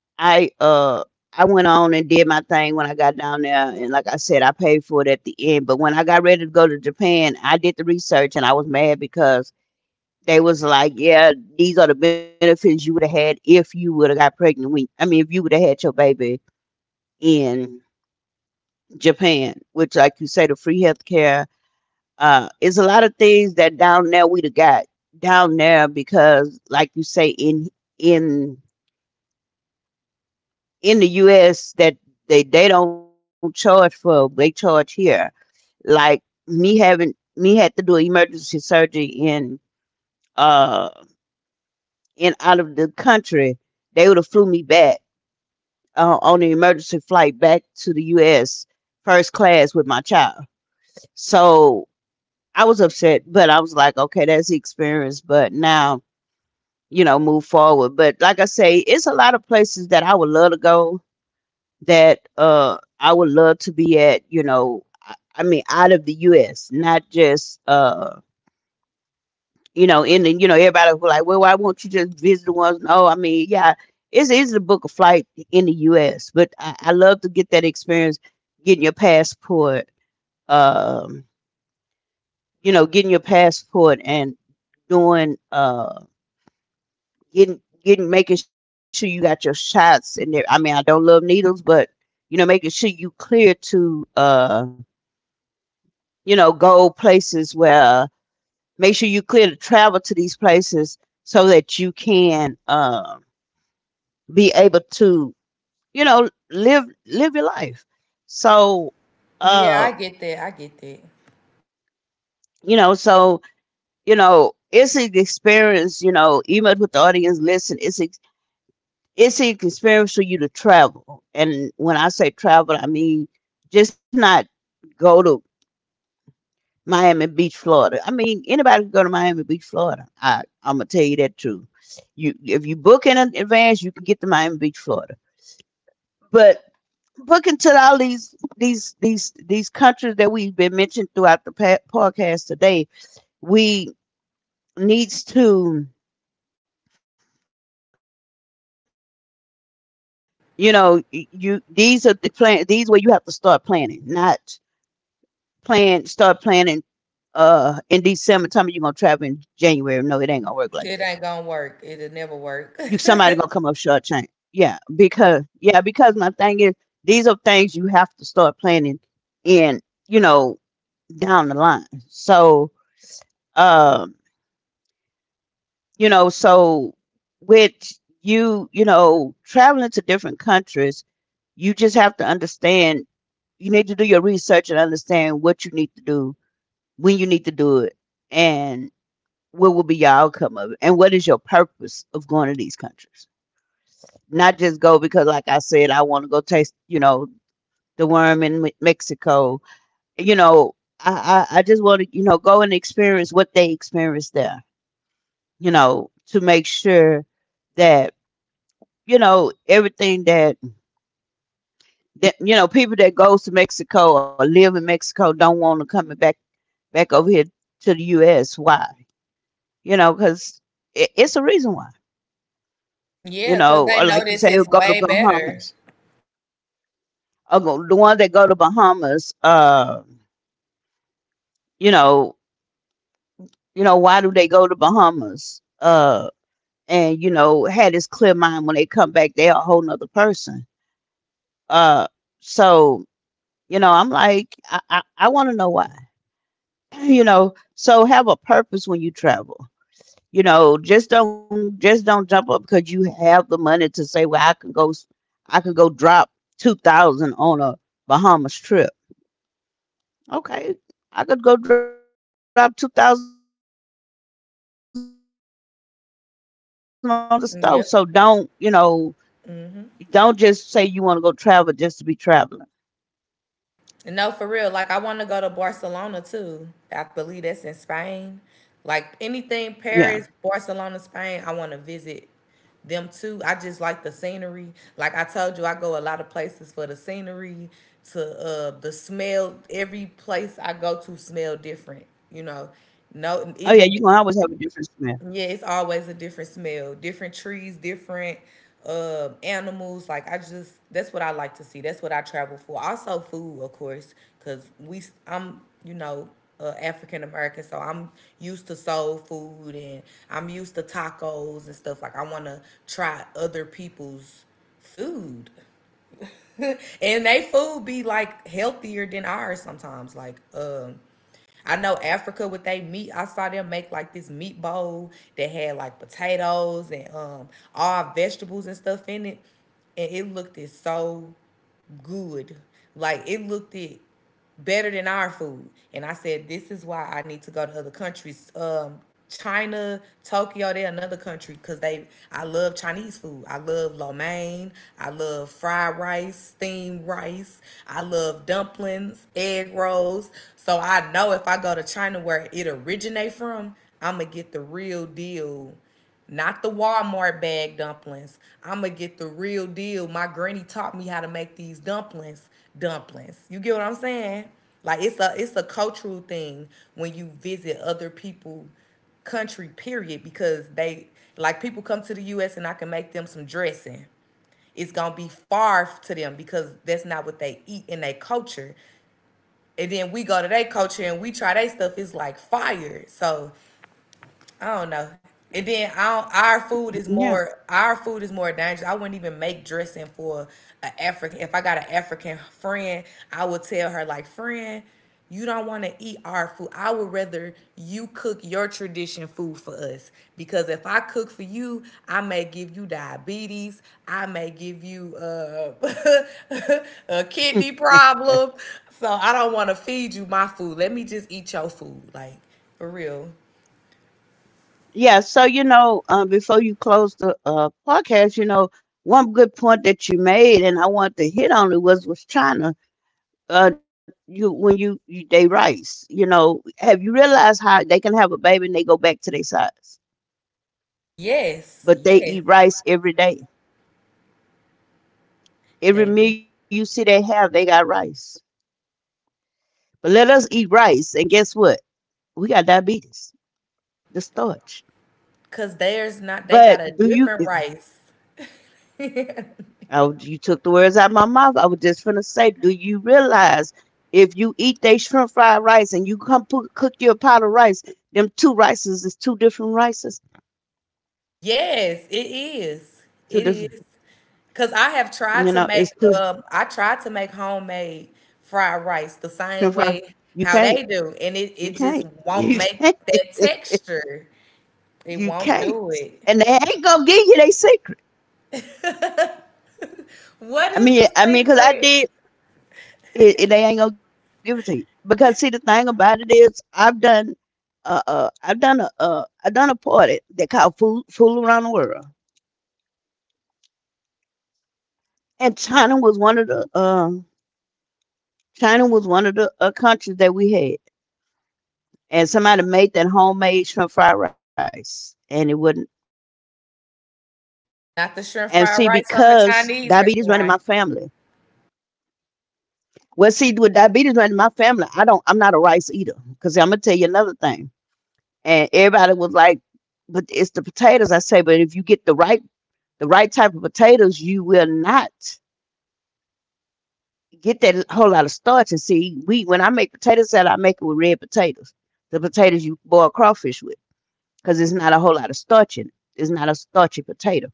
S1: I uh I went on and did my thing when I got down there, and like I said, I paid for it at the end. But when I got ready to go to Japan, I did the research and I was mad because they was like, yeah, these are the benefits you would have had if you would have got pregnant, when I mean if you would have had your baby in Japan, which like you say, the free healthcare. It's a lot of things that down there we'd have got down there because, like you say, in in the U.S. that they don't charge for, they charge here. Like me had to do emergency surgery uh in out of the country, they would have flew me back, on an emergency flight back to the U.S. first class with my child. So I was upset, but I was like, okay, that's the experience. But now, you know, move forward. But like I say, it's a lot of places that I would love to go, that I would love to be at, you know, I mean out of the U.S., not just you know, in the you know, everybody who like, well, why won't you just visit the ones? No, I mean, yeah, it's easy to book a flight in the U.S., but I love to get that experience, getting your passport, um, you know, getting your passport and doing getting making sure you got your shots and there. I mean, I don't love needles, but you know, making sure you clear to you know, go places where, make sure you clear to travel to these places so that you can be able to, you know, live your life. So
S2: (laughs) Yeah, I
S1: uh,
S2: get that. I get that.
S1: you know, so you know, it's an experience, you know, even with the audience listen, it's an experience for you to travel. And when I say travel, I mean just not go to Miami Beach, Florida. I mean anybody can go to Miami Beach, Florida. I'm gonna tell you that too. You if you book in advance, you can get to Miami Beach, Florida. But booking to all these countries that we've been mentioned throughout the podcast today, we needs to, you know, you these are the plan these where you have to start planning, not plan start planning in December. Tell me you're gonna travel in January. No, it ain't gonna work like that.
S2: It ain't
S1: You
S2: gonna
S1: somebody
S2: work.
S1: gonna come up
S2: It'll never
S1: short change.
S2: work.
S1: Yeah, because my thing is these are things you have to start planning in, you know, down the line. Um, you know, so with you, you know, traveling to different countries, you just have to understand you need to do your research and understand what you need to do, when you need to do it, and what will be your outcome of it and what is your purpose of going to these countries, not just go because like I said I want to go taste, you know, the worm in Mexico, you know, I just want to, you know, go and experience what they experience there, you know, to make sure that you know everything that that you know people that goes to Mexico or live in Mexico don't want to come back back over here to the US, why, you know, because it's a reason why.
S2: (laughs)
S1: You
S2: Yeah, cause
S1: know,
S2: they
S1: or
S2: know
S1: like you
S2: this
S1: say, he'll
S2: is
S1: go to
S2: way better.
S1: Bahamas. Or go, the ones that go to Bahamas, you know, you know, why do they go to Bahamas? And you know, had this clear mind when they come back, they're a whole nother person. Uh, so you know, I'm like, I want to know why. (clears throat) You know, so have a purpose when you travel. You know, just don't jump up because you have the money to say, well, I can go drop 2,000 on a Bahamas trip. Okay. I could go drop 2,000 on a car too. (laughs) You know, to travel to the store. So don't, you
S2: Yep.
S1: know, don't just say you want to go travel just to be traveling.
S2: No, for real. Like I want to go to Barcelona too. I believe that's in Spain. Like anything
S1: Yeah.
S2: Paris, Barcelona, Spain, I want to visit them too. I just like the scenery. Like I told you, I go a lot of places for the scenery, to the smell. Every place I go to smell different. You know, no
S1: Oh yeah,
S2: even
S1: you can always have a different smell.
S2: yeah, it's always a different smell, different trees, different animals. Like I just that's what I like to see. That's what I travel for. Also food, of course, cuz we I'm, you know, African American, so I'm used to soul food and I'm used to tacos and stuff. Like I want to try other people's food. (laughs) And they food be like healthier than ours sometimes. Like, I know Africa with they meat. I saw them make like this meat bowl that had like potatoes and all vegetables and stuff in it, and it looked it so good. Like it looked it better than our food. And I said, this is why I need to go to other countries. China, Tokyo, they're another country because they. I love Chinese food. I love lo mein. I love fried rice, steamed rice. I love dumplings, egg rolls. So I know if I go to China where it originate from, I'm gonna get the real deal not the Walmart bag dumplings. I'm going to get the real deal. My granny taught me how to make these dumplings. Dumplings. You get what I'm saying? Like it's a cultural thing when you visit other people country period because they like people come to the US and I can make them some dressing. It's gonna be far to them because that's not what they eat in their culture. And then we go to their culture and we try their stuff, it's like fire. So I don't know. And then our our food
S1: (laughs)
S2: is
S1: Yeah.
S2: more our food is more dangerous. I wouldn't even make dressing for an African. If I got an African friend, I would tell her like, friend, you don't want to eat our food. I would rather you cook your tradition food for us because if I cook for you, I may give you diabetes. I may give you (laughs) a kidney problem. So I don't want to feed you my food. Let me just eat your food, like for real.
S1: Yeah, so you know, before you close the podcast, you know, one good point that you made, and I want to hit on it was China. You they rice, you know, have you realized how they can have a baby and they go back to their size,
S2: Yes,
S1: but they
S2: yes,
S1: eat rice every day.
S2: they
S1: Every
S2: do.
S1: meal you see they have, they got rice. But let us eat rice, and guess what? We got diabetes, the starch.
S2: Cause theirs not they got
S1: But
S2: a
S1: do you?
S2: different rice. (laughs)
S1: Oh, you took the words out of my mouth. I was just finna say, do you realize if you eat they shrimp fried rice and you come cook your pot of rice, them two rices is two different rices,
S2: Yes, it is. Is,
S1: two
S2: it
S1: different.
S2: is. Cause I have tried
S1: You
S2: to
S1: know, it's
S2: make
S1: two
S2: I tried to make homemade fried rice the
S1: shrimp
S2: same
S1: fried.
S2: way
S1: You
S2: how
S1: can't.
S2: they do, and it,
S1: You
S2: it just
S1: can't.
S2: won't
S1: You
S2: make
S1: can't.
S2: that texture.
S1: (laughs)
S2: It
S1: you
S2: won't
S1: can't.
S2: do it.
S1: And they ain't gonna give you their secret.
S2: What is the
S1: Cause I
S2: secret?
S1: did. It they ain't gonna give it to you because see the thing about it is I've done a party that called food fool around the world, and China was one of the countries that we had, and somebody made that homemade shrimp fried rice and it wouldn't. And see because diabetes
S2: Not the
S1: running
S2: shrimp
S1: my
S2: fried rice
S1: family.
S2: from the Chinese restaurant.
S1: Well see with diabetes running my family, I'm not a rice eater because I'm gonna tell you another thing, and everybody was like, but it's the potatoes. I say but if you get the right type of potatoes, you will not get that whole lot of starch. And see, we when I make potato salad, I make it with red potatoes, the potatoes you boil crawfish with, because it's not a whole lot of starch in it. It's not a starchy potato.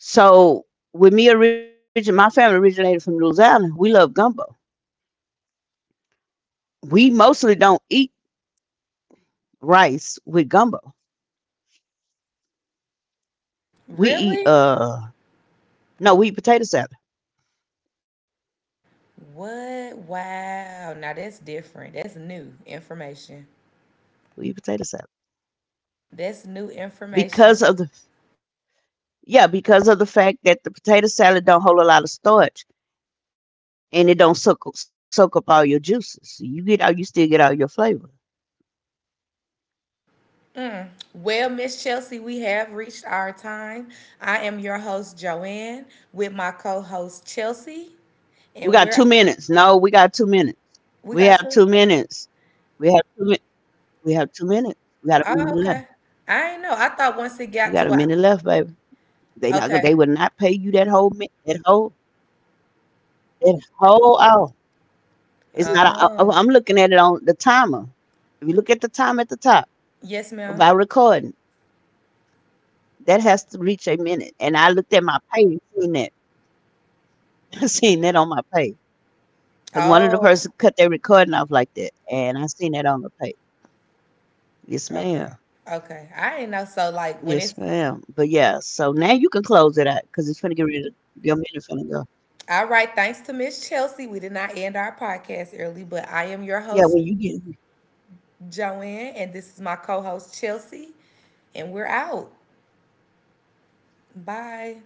S1: So with me origin, my family originated from Louisiana. We love gumbo. We mostly don't eat rice with gumbo. We eat
S2: Really?
S1: no, we eat potato salad.
S2: What? Wow. Now that's different. That's new
S1: (laughs)
S2: information.
S1: We eat potato salad
S2: That's new
S1: because
S2: information.
S1: of the, yeah because of the fact that the potato salad don't hold a lot of starch and it don't soak up all your juices. So you get out, you still get all your flavor.
S2: Mm. Well, Miss Chelsea, we have reached our time. I am your host, Joanne, with my co host, Chelsea.
S1: We
S2: And
S1: got
S2: we're,
S1: 2 minutes. No, we got 2 minutes.
S2: we
S1: We
S2: got
S1: have
S2: to,
S1: 2 minutes. We have two. Mi- we have 2 minutes. We got a
S2: oh,
S1: minute left.
S2: okay. I ain't
S1: We
S2: know.
S1: got a
S2: I
S1: minute
S2: thought once
S1: left,
S2: it
S1: baby.
S2: got to, a,
S1: They not. Gonna. They will not pay you
S2: okay.
S1: that whole minute. That whole hour. It's not. I'm looking at it on
S2: Oh,
S1: the timer. If you look at the time at the top about
S2: yes, ma'am.
S1: recording, that has to reach a minute. And I looked at my pay and seen that. (laughs) I seen that on my page. 'Cause one of the person cut
S2: Oh,
S1: their recording off like that, and I seen that on the tape. Yes,
S2: okay.
S1: ma'am.
S2: Okay. I ain't know. So like when it's
S1: Yes, ma'am. But, yeah, so now you can close it out, cause it's finna get rid of your minute finna go.
S2: all right. Thanks to Miss Chelsea. We did not end our podcast early, but I am your host,
S1: Yeah, when you get
S2: Joanne, and this is my co host, Chelsea, and we're out. Bye.